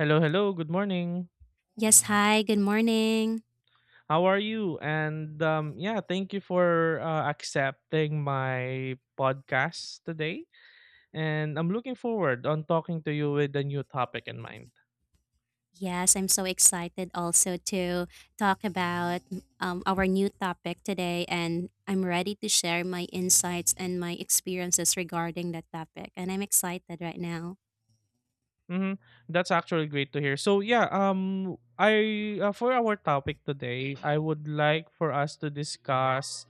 Hello, hello. Good morning. Yes, hi, good morning. How are you? Thank you for accepting my podcast today, and I'm looking forward on talking to you with a new topic in mind. Yes, I'm so excited also to talk about our new topic today, and I'm ready to share my insights and my experiences regarding that topic. And I'm excited right now. hmm That's actually great to hear. So yeah, I for our topic today, I would like for us to discuss.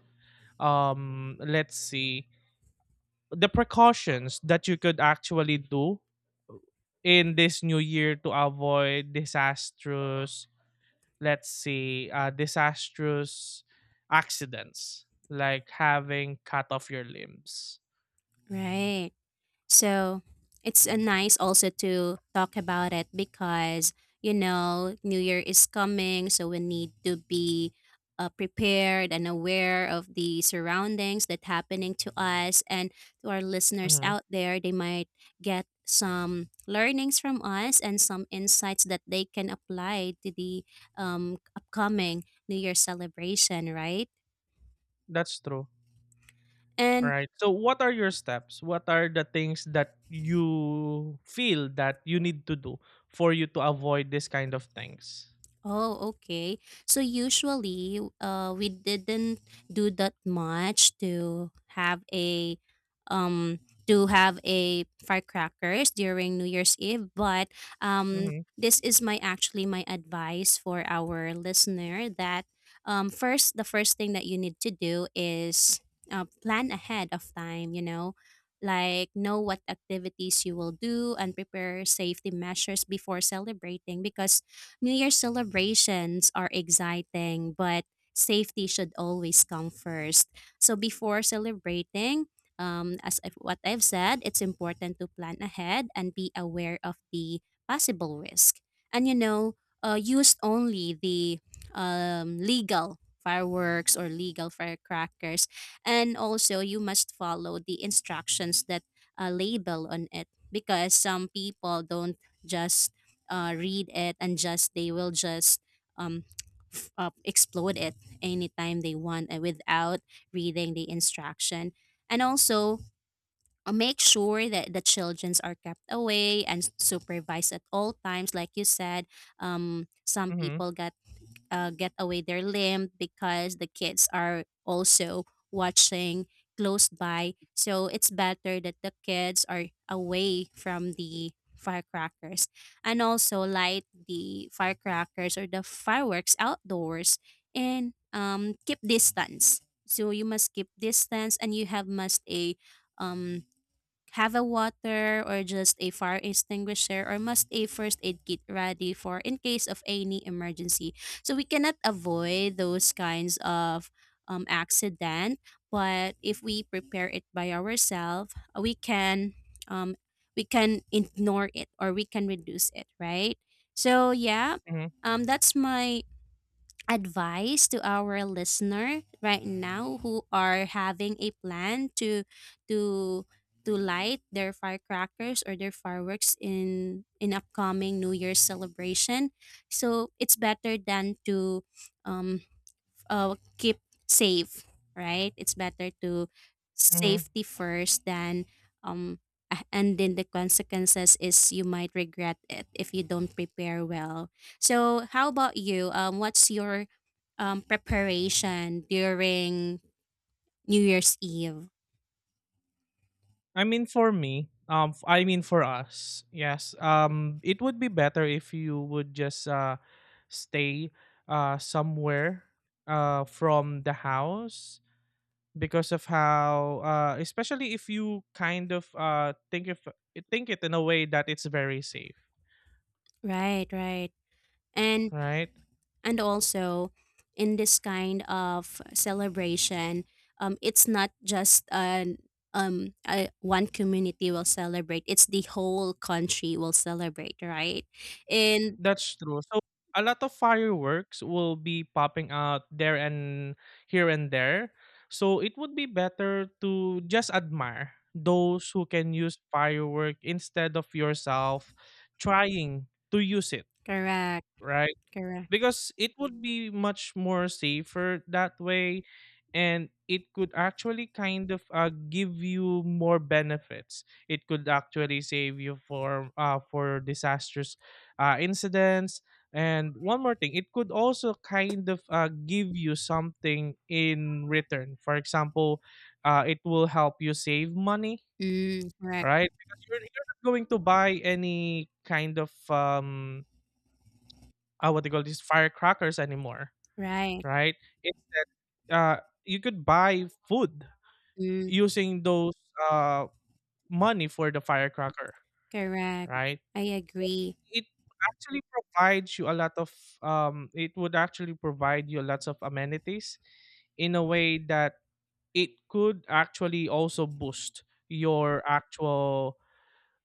Let's see, the precautions that you could actually do in this new year to avoid disastrous, disastrous accidents like having cut off your limbs. Right. So it's a nice also to talk about it because you know New Year is coming, so we need to be prepared and aware of the surroundings that happening to us and to our listeners hmm out there. They might get some learnings from us and some insights that they can apply to the upcoming New Year celebration, right? That's true. And Right. So what are your steps? What are the things that you feel that you need to do for you to avoid this kind of things? oh, okay. So usually, we didn't do that much to have a, um, to have a firecrackers during New Year's Eve. But um, Mhm. this is my actually my advice for our listener that first the first thing that you need to do is plan ahead of time. You know, like know what activities you will do and prepare safety measures before celebrating because New Year celebrations are exciting, but safety should always come first. So before celebrating, um, what I've said, it's important to plan ahead and be aware of the possible risk. And you know, use only the legal fireworks or legal firecrackers. And also, you must follow the instructions that label on it because some people don't just read it and just they will just um, explode it anytime they want and without reading the instruction, and also make sure that the childrens are kept away and supervised at all times like you said. Some Mhm. people got get away their limb because the kids are also watching close by. So it's better that the kids are away from the firecrackers, and also light the firecrackers or the fireworks outdoors, and keep distance. So you must keep distance and you have must a um, have a water or just a fire extinguisher or must a first aid kit ready for in case of any emergency. So we cannot avoid those kinds of accident, but if we prepare it by ourselves, um, we can ignore it or we can reduce it, right? So yeah, Mhm. That's my advice to our listener right now who are having a plan to to light their firecrackers or their fireworks in upcoming new year's celebration, so it's better than to um, keep safe, right? It's better to Mhm. safety first than um and then the consequences is you might regret it if you don't prepare well. So how about you? What's your preparation during New Year's Eve? I mean, for me, I mean for us, yes. It would be better if you would just stay somewhere from the house because of how uh, especially if you kind of think it in a way that it's very safe, Right, right. And right? And also, in this kind of celebration, it's not just an one community will celebrate; it's the whole country will celebrate, right? And That's true. So a lot of fireworks will be popping out there and here and there. So it would be better to just admire those who can use firework instead of yourself trying to use it, correct, right? correct, Because it would be much more safer that way, and it could actually kind of give you more benefits. It could actually save you for disastrous incidents. And one more thing, it could also kind of give you something in return. For example, it will help you save money, mm, correct, right? Because you're not going to buy any kind of what they call these firecrackers anymore, right, right? It's that you could buy food mm, using those uh, money for the firecracker, correct. right? I So agree. it actually provides you a lot of it would actually provide you lots of amenities in a way that it could actually also boost your actual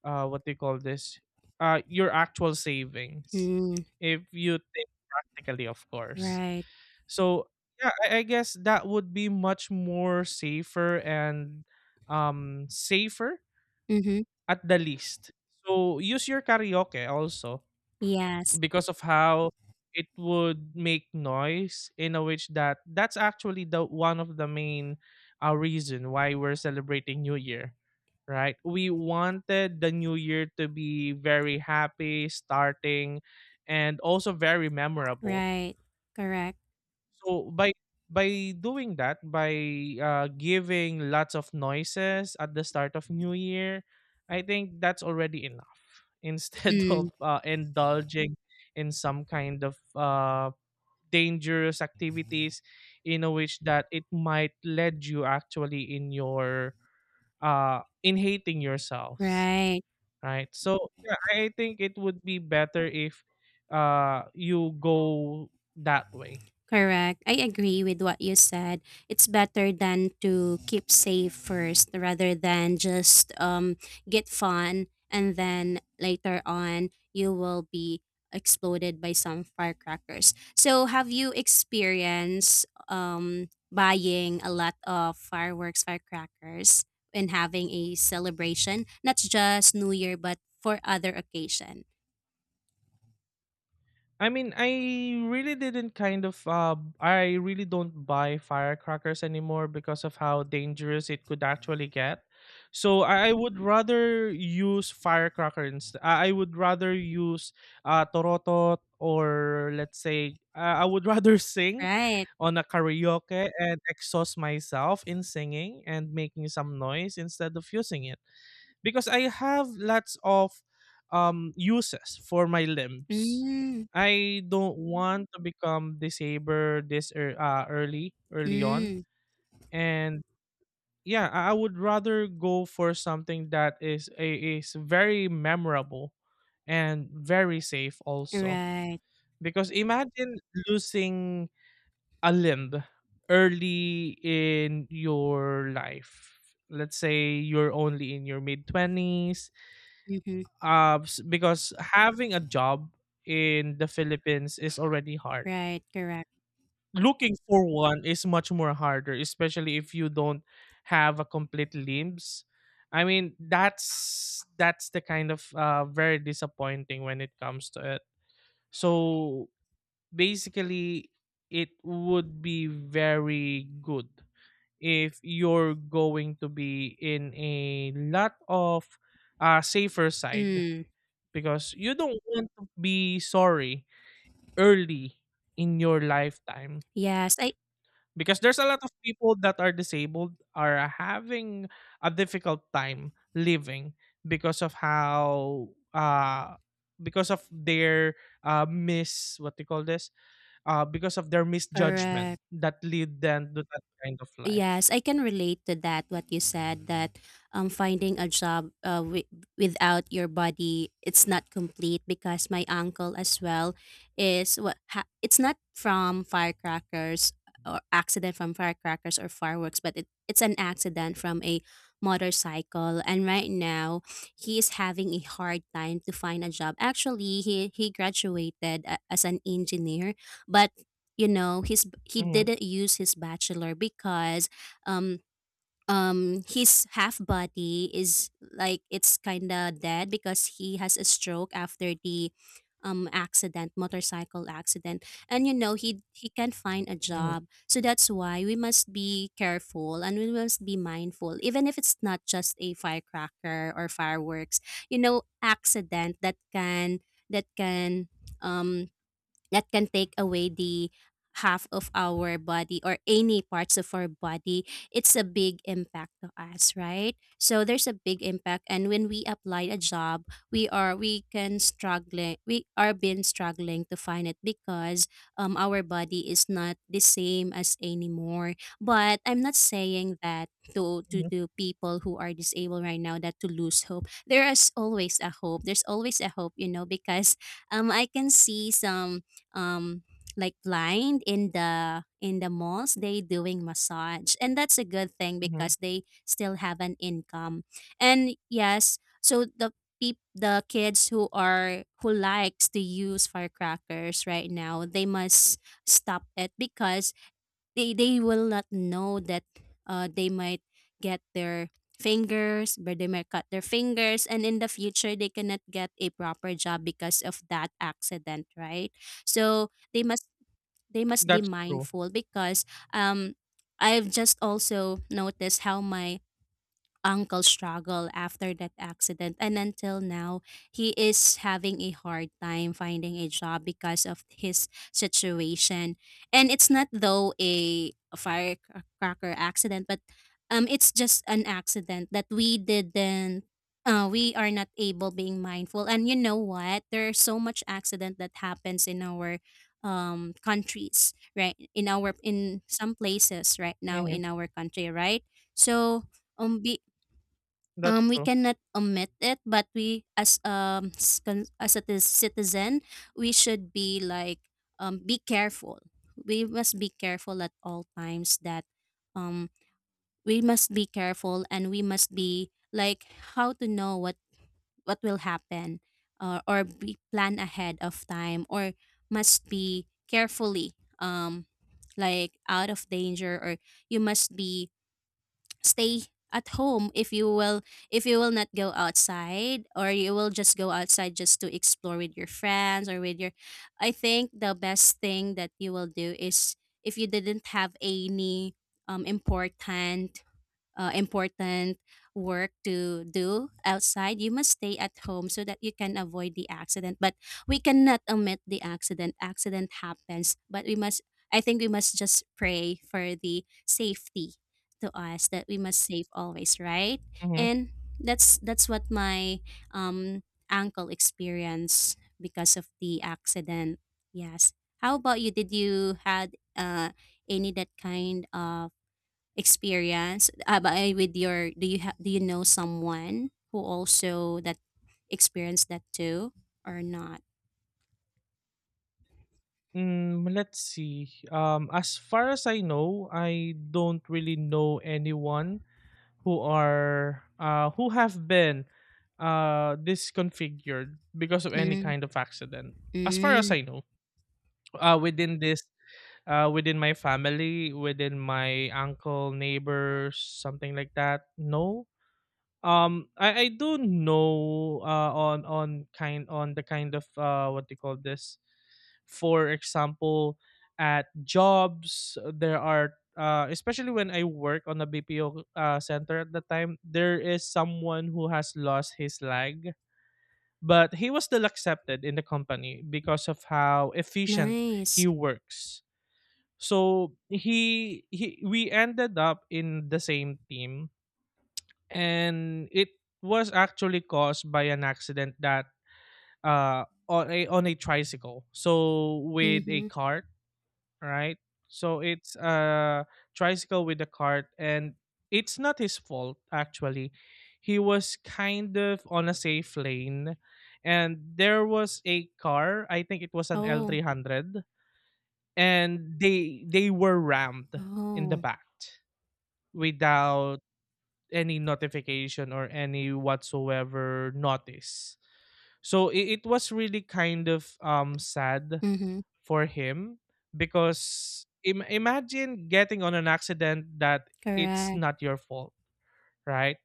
what do you call this? Your actual savings, Mm, if you think practically, of course. right. So I guess that would be much more safer and safer Mm-hmm. at the least. So use your karaoke also, Yes. because of how it would make noise in a which that that's actually the one of the main reason why we're celebrating New Year, right? We wanted the New Year to be very happy, starting, and also very memorable. Right. Correct. So by doing that, by giving lots of noises at the start of New Year, I think that's already enough. Instead Mm, of indulging in some kind of dangerous activities, in a which that it might lead you actually in your in hating yourselves, right. right? So yeah, I think it would be better if you go that way. Correct. I agree with what you said. It's better than to keep safe first rather than just get fun and then later on you will be exploded by some firecrackers. So have you experienced buying a lot of fireworks firecrackers and having a celebration, not just New Year but for other occasion, I mean, I really didn't kind of I really don't buy firecrackers anymore because of how dangerous it could actually get. So I would Mm, rather use firecracker instead. I would rather use torotot, or let's say I would rather sing right? on a karaoke and exhaust myself in singing and making some noise instead of using it, because I have lots of uses for my limbs. Mm, I don't want to become disabled this early on, mm, and yeah, I would rather go for something that is very memorable and very safe also. right. Because imagine losing a limb early in your life. Let's say you're only in your mid 20s. Mm-hmm. Because having a job in the Philippines is already hard. Right, correct. Looking for one is much more harder, especially if you don't have a complete limbs. I mean, that's the kind of very disappointing when it comes to it. So basically, it would be very good if you're going to be in a lot of safer side, Mm, because you don't want to be sorry early in your lifetime, yes, I because there's a lot of people that are disabled are having a difficult time living because of how uh because of their mis what they call this because of their misjudgment correct. that lead them to that kind of Yes, life. I can relate to that. What you said that finding a job without your body it's not complete because my uncle as well is what it's not from firecrackers or accident from firecrackers or fireworks, but it's an accident from a motorcycle, and right now he is having a hard time to find a job. Actually, he graduated as an engineer, but you know his he hmm didn't use his bachelor because um um, his half body is like it's kind of dead because he has a stroke after the accident, motorcycle accident, and you know he can't find a hmm job, so that's why we must be careful and we must be mindful even if it's not just a firecracker or fireworks, you know, accident that can that can um that can take away the half of our body or any parts of our body. It's a big impact to us, right? So there's a big impact, and when we apply a job, we can struggling, we are been struggling to find it because our body is not the same as anymore. But I'm not saying that to hmm the people who are disabled right now that to lose hope. There is always a hope, there's always a hope, you know, because I can see some um like blind in the malls, they doing massage, and that's a good thing hmm because they still have an income. And yes, so the the kids who are who likes to use firecrackers right now, they must stop it because they will not know that they might get their fingers, but they might cut their fingers, and in the future they cannot get a proper job because of that accident, right? So they must be that's true. mindful because um I've just also noticed how my uncle struggle after that accident, and until now he is having a hard time finding a job because of his situation. And it's not though a firecracker accident, but it's just an accident that we didn't we are not able being mindful. And you know what, there's so much accident that happens in our countries, right, in our in some places right now hmm in our country, right? So um be, that's we true. cannot omit it, but we as citizen, we should be like be careful. We must be careful at all times. That um we must be careful and we must be like how to know what will happen, or be plan ahead of time, or must be carefully like out of danger, or you must be stay at home. If you will if you will not go outside, or you will just go outside just to explore with your friends or with your, I think the best thing that you will do is if you didn't have any um important important work to do outside, you must stay at home so that you can avoid the accident. But we cannot omit the accident. Accident happens, but we must. I think we must just pray for the safety to us, that we must save always, right? Mhm. And that's what my um uncle experienced because of the accident. Yes. How about you? Did you had any that kind of experience by with your, do you have, do you know someone who also that experienced that too or not? Mm, let's see. As far as I know, I don't really know anyone who have been disconfigured because of any Mm, kind of accident. As far as mm, I know, uh, within this, within my family, within my uncle, neighbors, something like that. No, I do know on the kind of what they call this? For example, at jobs there are especially when I work on a BPO center at the time, there is someone who has lost his leg, but he was still accepted in the company because of how efficient nice. he works. So he we ended up in the same team, and it was actually caused by an accident that on a tricycle, so with a Mm-hmm. cart, right? So it's a tricycle with a cart, and it's not his fault actually. He was kind of on a safe lane, and there was a car, I think it was an Oh. L300, and they were rammed in the Oh. back without any notification or any whatsoever notice. So it was really kind of um, sad Mm-hmm. for him, because imagine getting on an accident that it's Correct. not your fault, right?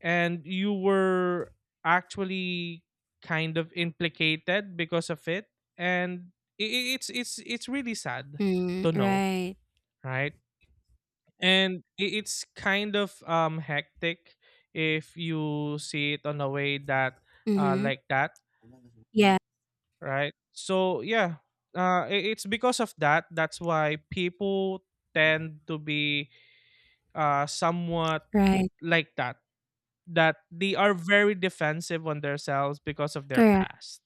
And you were actually kind of implicated because of it, and it's really sad Mm, to know, right. right? And it's kind of um, hectic if you see it on a way that Mm-hmm. like that, Yeah. right? So yeah, it's because of that that's why people tend to be somewhat Right. like that, that they are very defensive on themselves because of their Correct. past.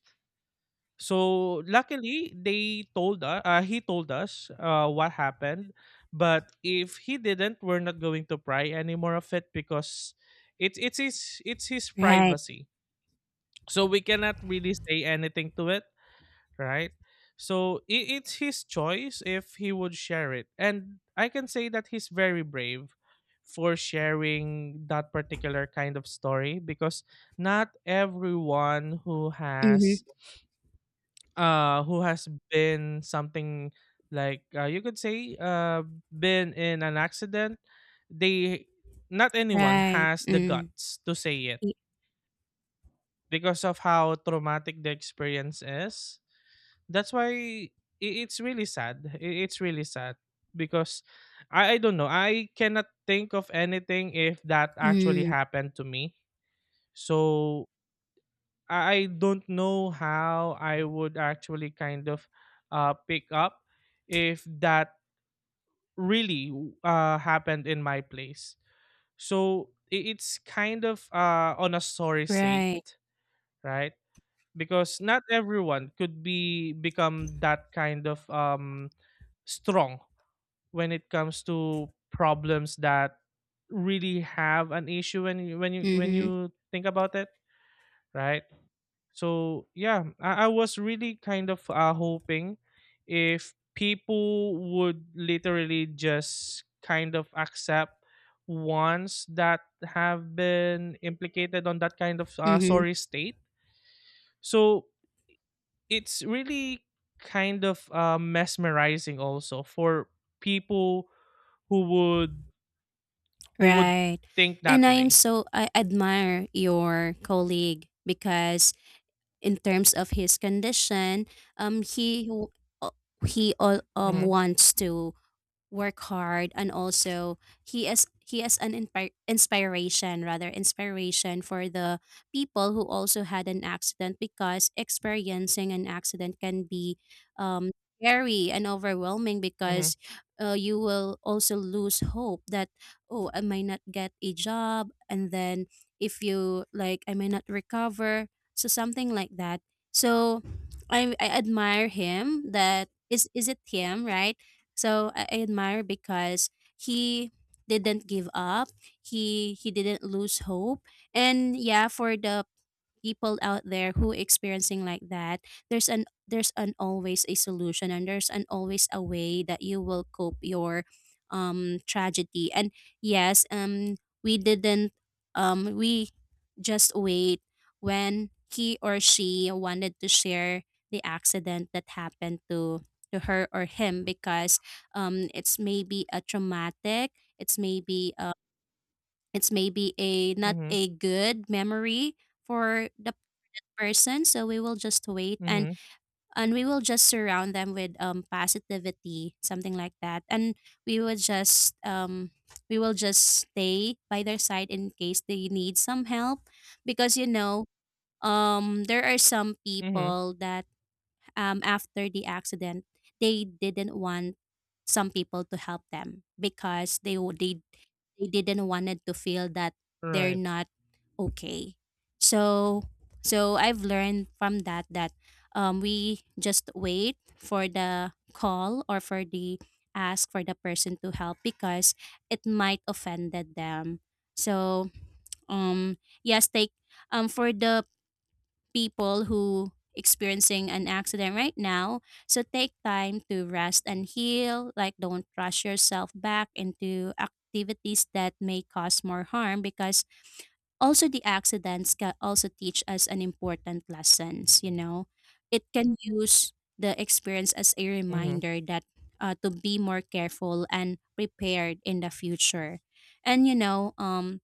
So luckily, they told us. He told us what happened. But if he didn't, we're not going to pry anymore of it, because it's his Right. privacy. So we cannot really say anything to it, right? So I it's his choice if he would share it, and I can say that he's very brave for sharing that particular kind of story, because not everyone who has Mm-hmm. Been something like you could say been in an accident, they, not anyone Right. has the Mm, guts to say it y-, because of how traumatic the experience is. that's why i- it's really sad. It's really sad because I don't know, I cannot think of anything if that actually mm, happened to me. So I don't know how I would actually kind of pick up if that really happened in my place. So it's kind of on a sorry state, right. right? Because not everyone could be become that kind of strong when it comes to problems that really have an issue when Mm-hmm. you think about it, right? So I was really kind of hoping if people would literally just kind of accept ones that have been implicated on that kind of Mm-hmm. sorry state. So it's really kind of mesmerizing also for people who would who would Right. think And that I am way. so, I admire your colleague because in terms of his condition, um he w- uh, he hmm wants to work hard, and also he is an inspiration, rather inspiration, for the people who also had an accident because experiencing an accident can be um scary and overwhelming hmm because you will also lose hope that oh, I might not get a job, and then if you like I may not recover, so something like that. So I admire him, that is it him, right? So I admire because he didn't give up. He didn't lose hope. And yeah, for the people out there who experiencing like that, there's an always a solution, and there's an always a way that you will cope your tragedy. And yes, we didn't we just wait when he or she wanted to share the accident that happened to her or him because it's maybe a traumatic, it's maybe uh it's maybe a not Mhm, a good memory for the person, so we will just wait, mhm, and we will just surround them with positivity, something like that. And we will just um we will just stay by their side in case they need some help because you know there are some mhm, people that after the accident they didn't want some people to help them because they they didn't wanted to feel that they're right, not okay. So so I've learned from that that we just wait for the call or for the ask for the person to help because it might offended them. So um yes, take for the people who experiencing an accident right now, so take time to rest and heal, like don't rush yourself back into activities that may cause more harm, because also the accidents can also teach us an important lessons. It can use the experience as a mhm, reminder that to be more careful and prepared in the future. And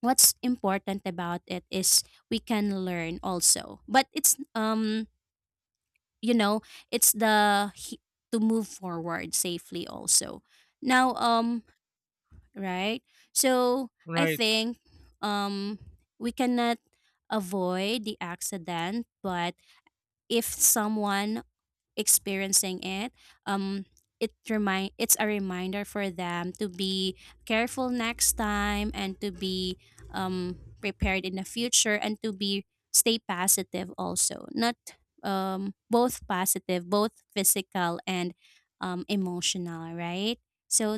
what's important about it is we can learn also, but it's you know it's the he- to move forward safely also now. Right. So I right. think um we cannot avoid the accident, but if someone experiencing it, um it remind it's a reminder for them to be careful next time, and to be prepared in the future, and to be stay positive also, not both positive, both physical and emotional, right? So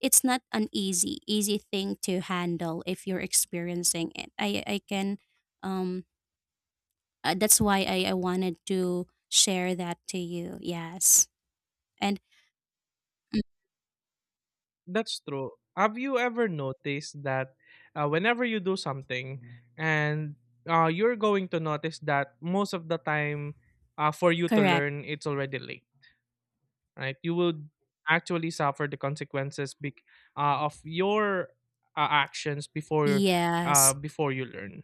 it's not an easy thing to handle if you're experiencing it. I can um that's why I wanted to share that to you. Yes. And mm, That's true. Have you ever noticed that whenever you do something and you're going to notice that most of the time for you to correct. learn, it's already late, right? You would actually suffer the consequences of your actions before Yes. before you learn,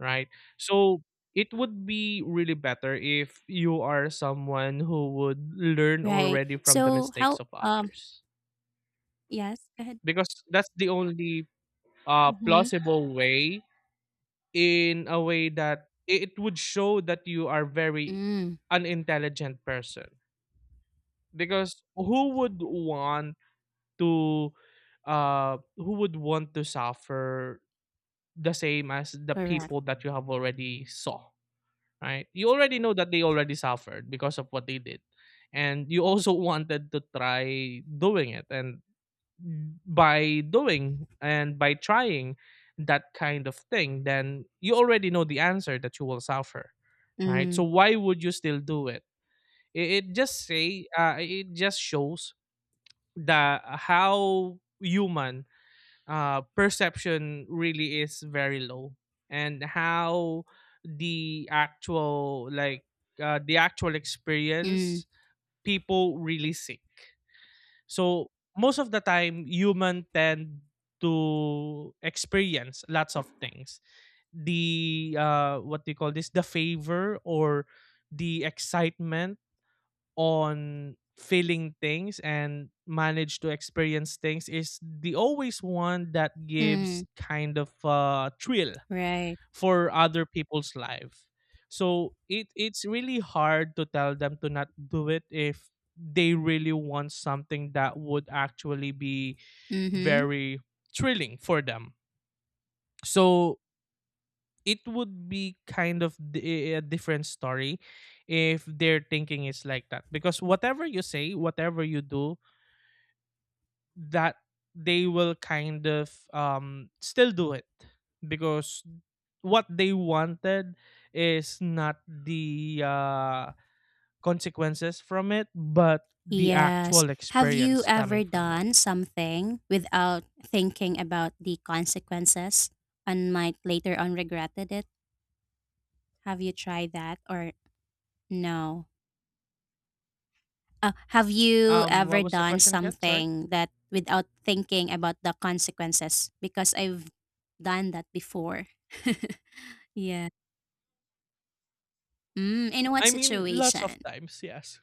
right? So it would be really better if you are someone who would learn Right. already from the So mistakes how of others, yes, go ahead. because that's the only Mm-hmm. plausible way in a way that it would show that you are very Mm, unintelligent person. Because who would want to who would want to suffer the same as the correct. people that you have already saw, right? You already know that they already suffered because of what they did. And you also wanted to try doing it. And by doing and by trying that kind of thing, then you already know the answer that you will suffer, right? Mm, So why would you still do it? It just say it just shows the how human perception really is very low, and how the actual like the actual mm, experience people really seek. So most of the time human tend to experience lots of things, the what do you call this the favor or the excitement on feeling things and manage to experience things is the always one that mm, gives kind of a thrill right. for other people's life. So it it's really hard to tell them to not do it if they really want something that would actually be Mm-hmm. very thrilling for them. So it would be kind of a different story if their thinking is like that, because whatever you say whatever you do, that they will kind of still do it, because what they wanted is not the consequences from it, but the Yes. actual Have you experience coming ever from it. done something without thinking about the consequences and might later on regretted it? Have you tried that or no? Have you ever What was the done question again? Sorry. something that without thinking about the consequences? Because I've done that before. Yeah. Mm, in what I mean, lots of situation? times, yes.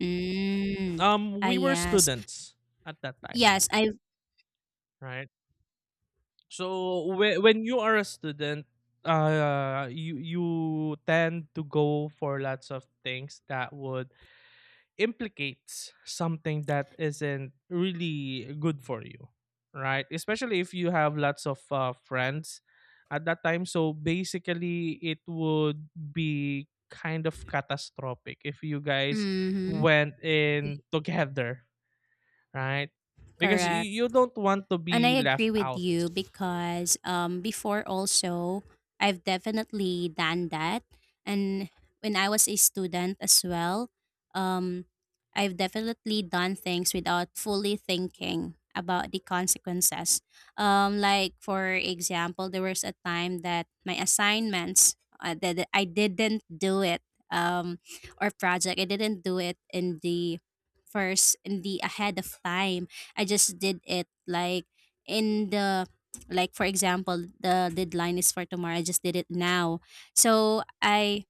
Mm. Ah, We were yes. students at that time, Yes, I've. right? So when you are a student, you tend to go for lots of things that would implicate something that isn't really good for you, right? Especially if you have lots of friends at that time. So basically, it would be kind of catastrophic if you guys Mm-hmm. went in together, right? Because Correct. You don't want to And I be agree left with out. you because before also, I've definitely done that. And when I was a student as well, um, I've definitely done things without fully thinking about the consequences. Like, for example, there was a time that my assignments, that I didn't do it, um, or project, I didn't do it in the first, in the ahead of time. I just did it like in the, like for example the deadline is for tomorrow, I just did it now. So I,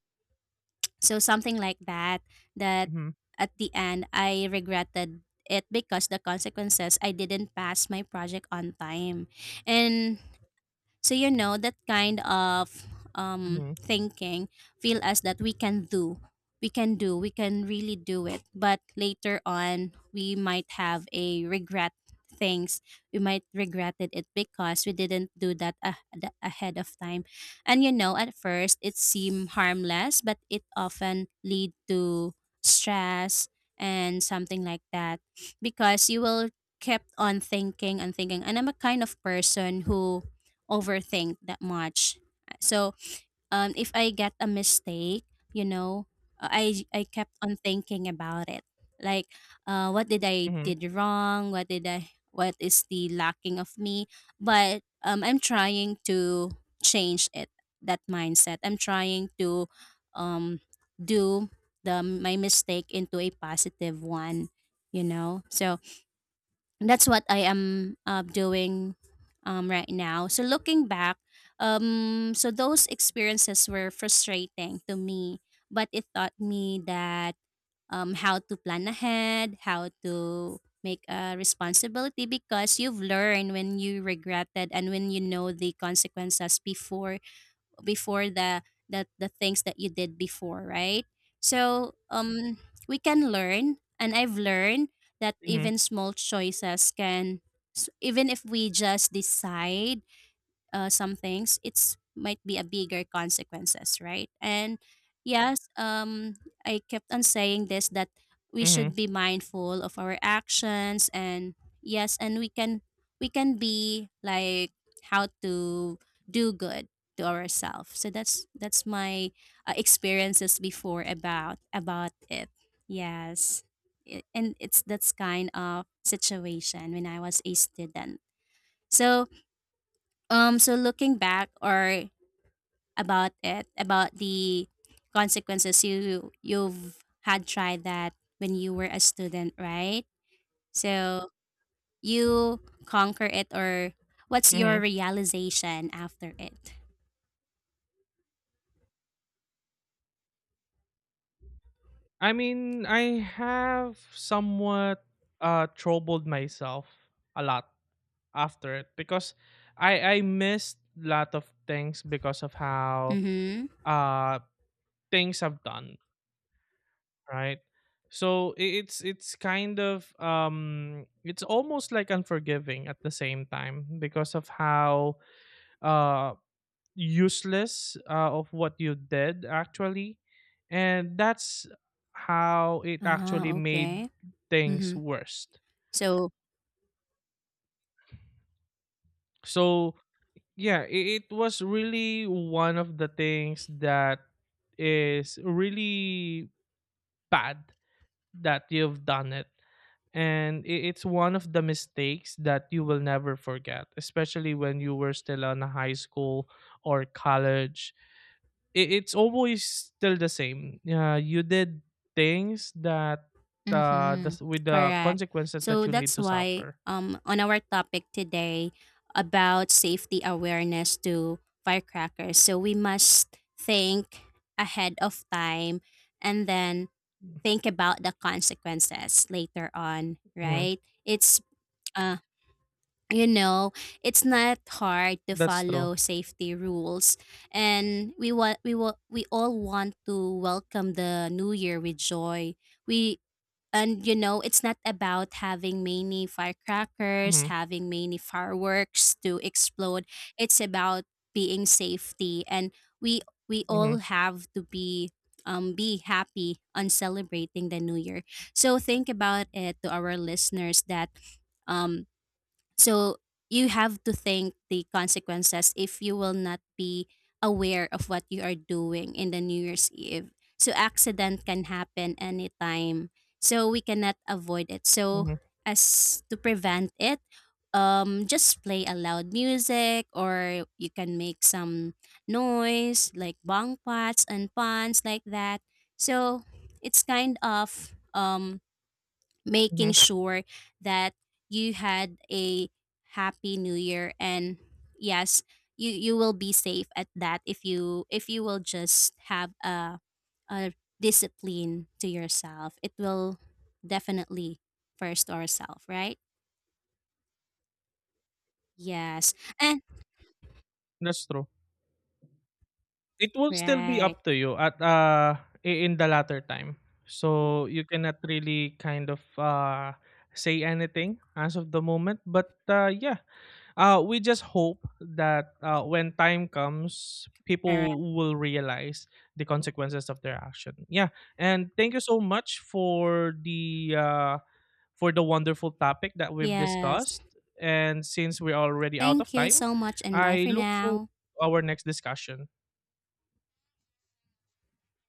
so something like that, that Mhm, at the end I regretted it, because the consequences, I didn't pass my project on time. And so you know that kind of mhm. thinking feel us that we can do, we can do, we can really do it. But later on, we might have a regret things. We might regretted it because we didn't do that ahead of time. And you know, at first it seemed harmless, but it often lead to stress and something like that, because you will kept on thinking and thinking, and I'm a kind of person who overthink that much. So if I get a mistake, you know, I kept on thinking about it. Like, what did I Mhm, did wrong? What did I? What is the lacking of me? But I'm trying to change it. That mindset. I'm trying to um, do the my mistake into a positive one. You know, so that's what I am doing right now. So looking back, so those experiences were frustrating to me, but it taught me that how to plan ahead, how to make a responsibility, because you've learned when you regretted and when you know the consequences before, before the the things that you did before, right? So we can learn, and I've learned that mhm, even small choices can, even if we just decide some things, it's might be a bigger consequences, right? And yes, I kept on saying this, that we should mhm, be mindful of our actions, and yes, and we can, we can be like how to do good to ourselves. So that's my experiences before about it. Yes. It, and it's that's kind of situation when I was a student. So so looking back or about it, about the consequences you you've had tried that when you were a student, right? So you conquer it, or what's your mhm. realization after it? I mean, I have somewhat troubled myself a lot after it, because I missed lot of things because of how Mm-hmm. uh things have done, right? So it's kind of um, it's almost like unforgiving at the same time because of how uh useless of what you did actually, and that's how it actually Oh, made okay. things Mm-hmm. worse. So. So yeah, it was really one of the things that is really bad that you've done it, and it's one of the mistakes that you will never forget, especially when you were still in high school or college. It's always still the same. You did things that Mm-hmm. that's with the Correct. consequences that So you need that's to why suffer. On our topic today about safety awareness to firecrackers. So we must think ahead of time and then think about the consequences later on, Mhm. right? It's uh you know, it's not hard to That's true. follow safety rules, and we want, we will, we all want to welcome the New Year with joy. We, and you know, it's not about having many firecrackers, hmm having many fireworks to explode. It's about being safety, and we we hmm all have to be happy on celebrating the New Year. So think about it, to our listeners, that um so you have to think the consequences if you will not be aware of what you are doing in the New Year's Eve. So accident can happen anytime. So we cannot avoid it. So hmm as to prevent it, just play a loud music, or you can make some noise like bong pots and pans, like that. So it's kind of hmm making sure that you had a happy New Year. And yes, you will be safe at that. If you, if you will just have a discipline to yourself, it will definitely first ourself, right? Yes. And That's true. It will still be right. up to you at in the latter time. So you cannot really kind of say anything as of the moment. But yeah, uh, we just hope that when time comes, Correct. people will realize the consequences of their action. Yeah, and thank you so much for the wonderful topic that we've Yes, discussed. And since we're already out of thank you time, so much, and bye I for look for now. our next discussion.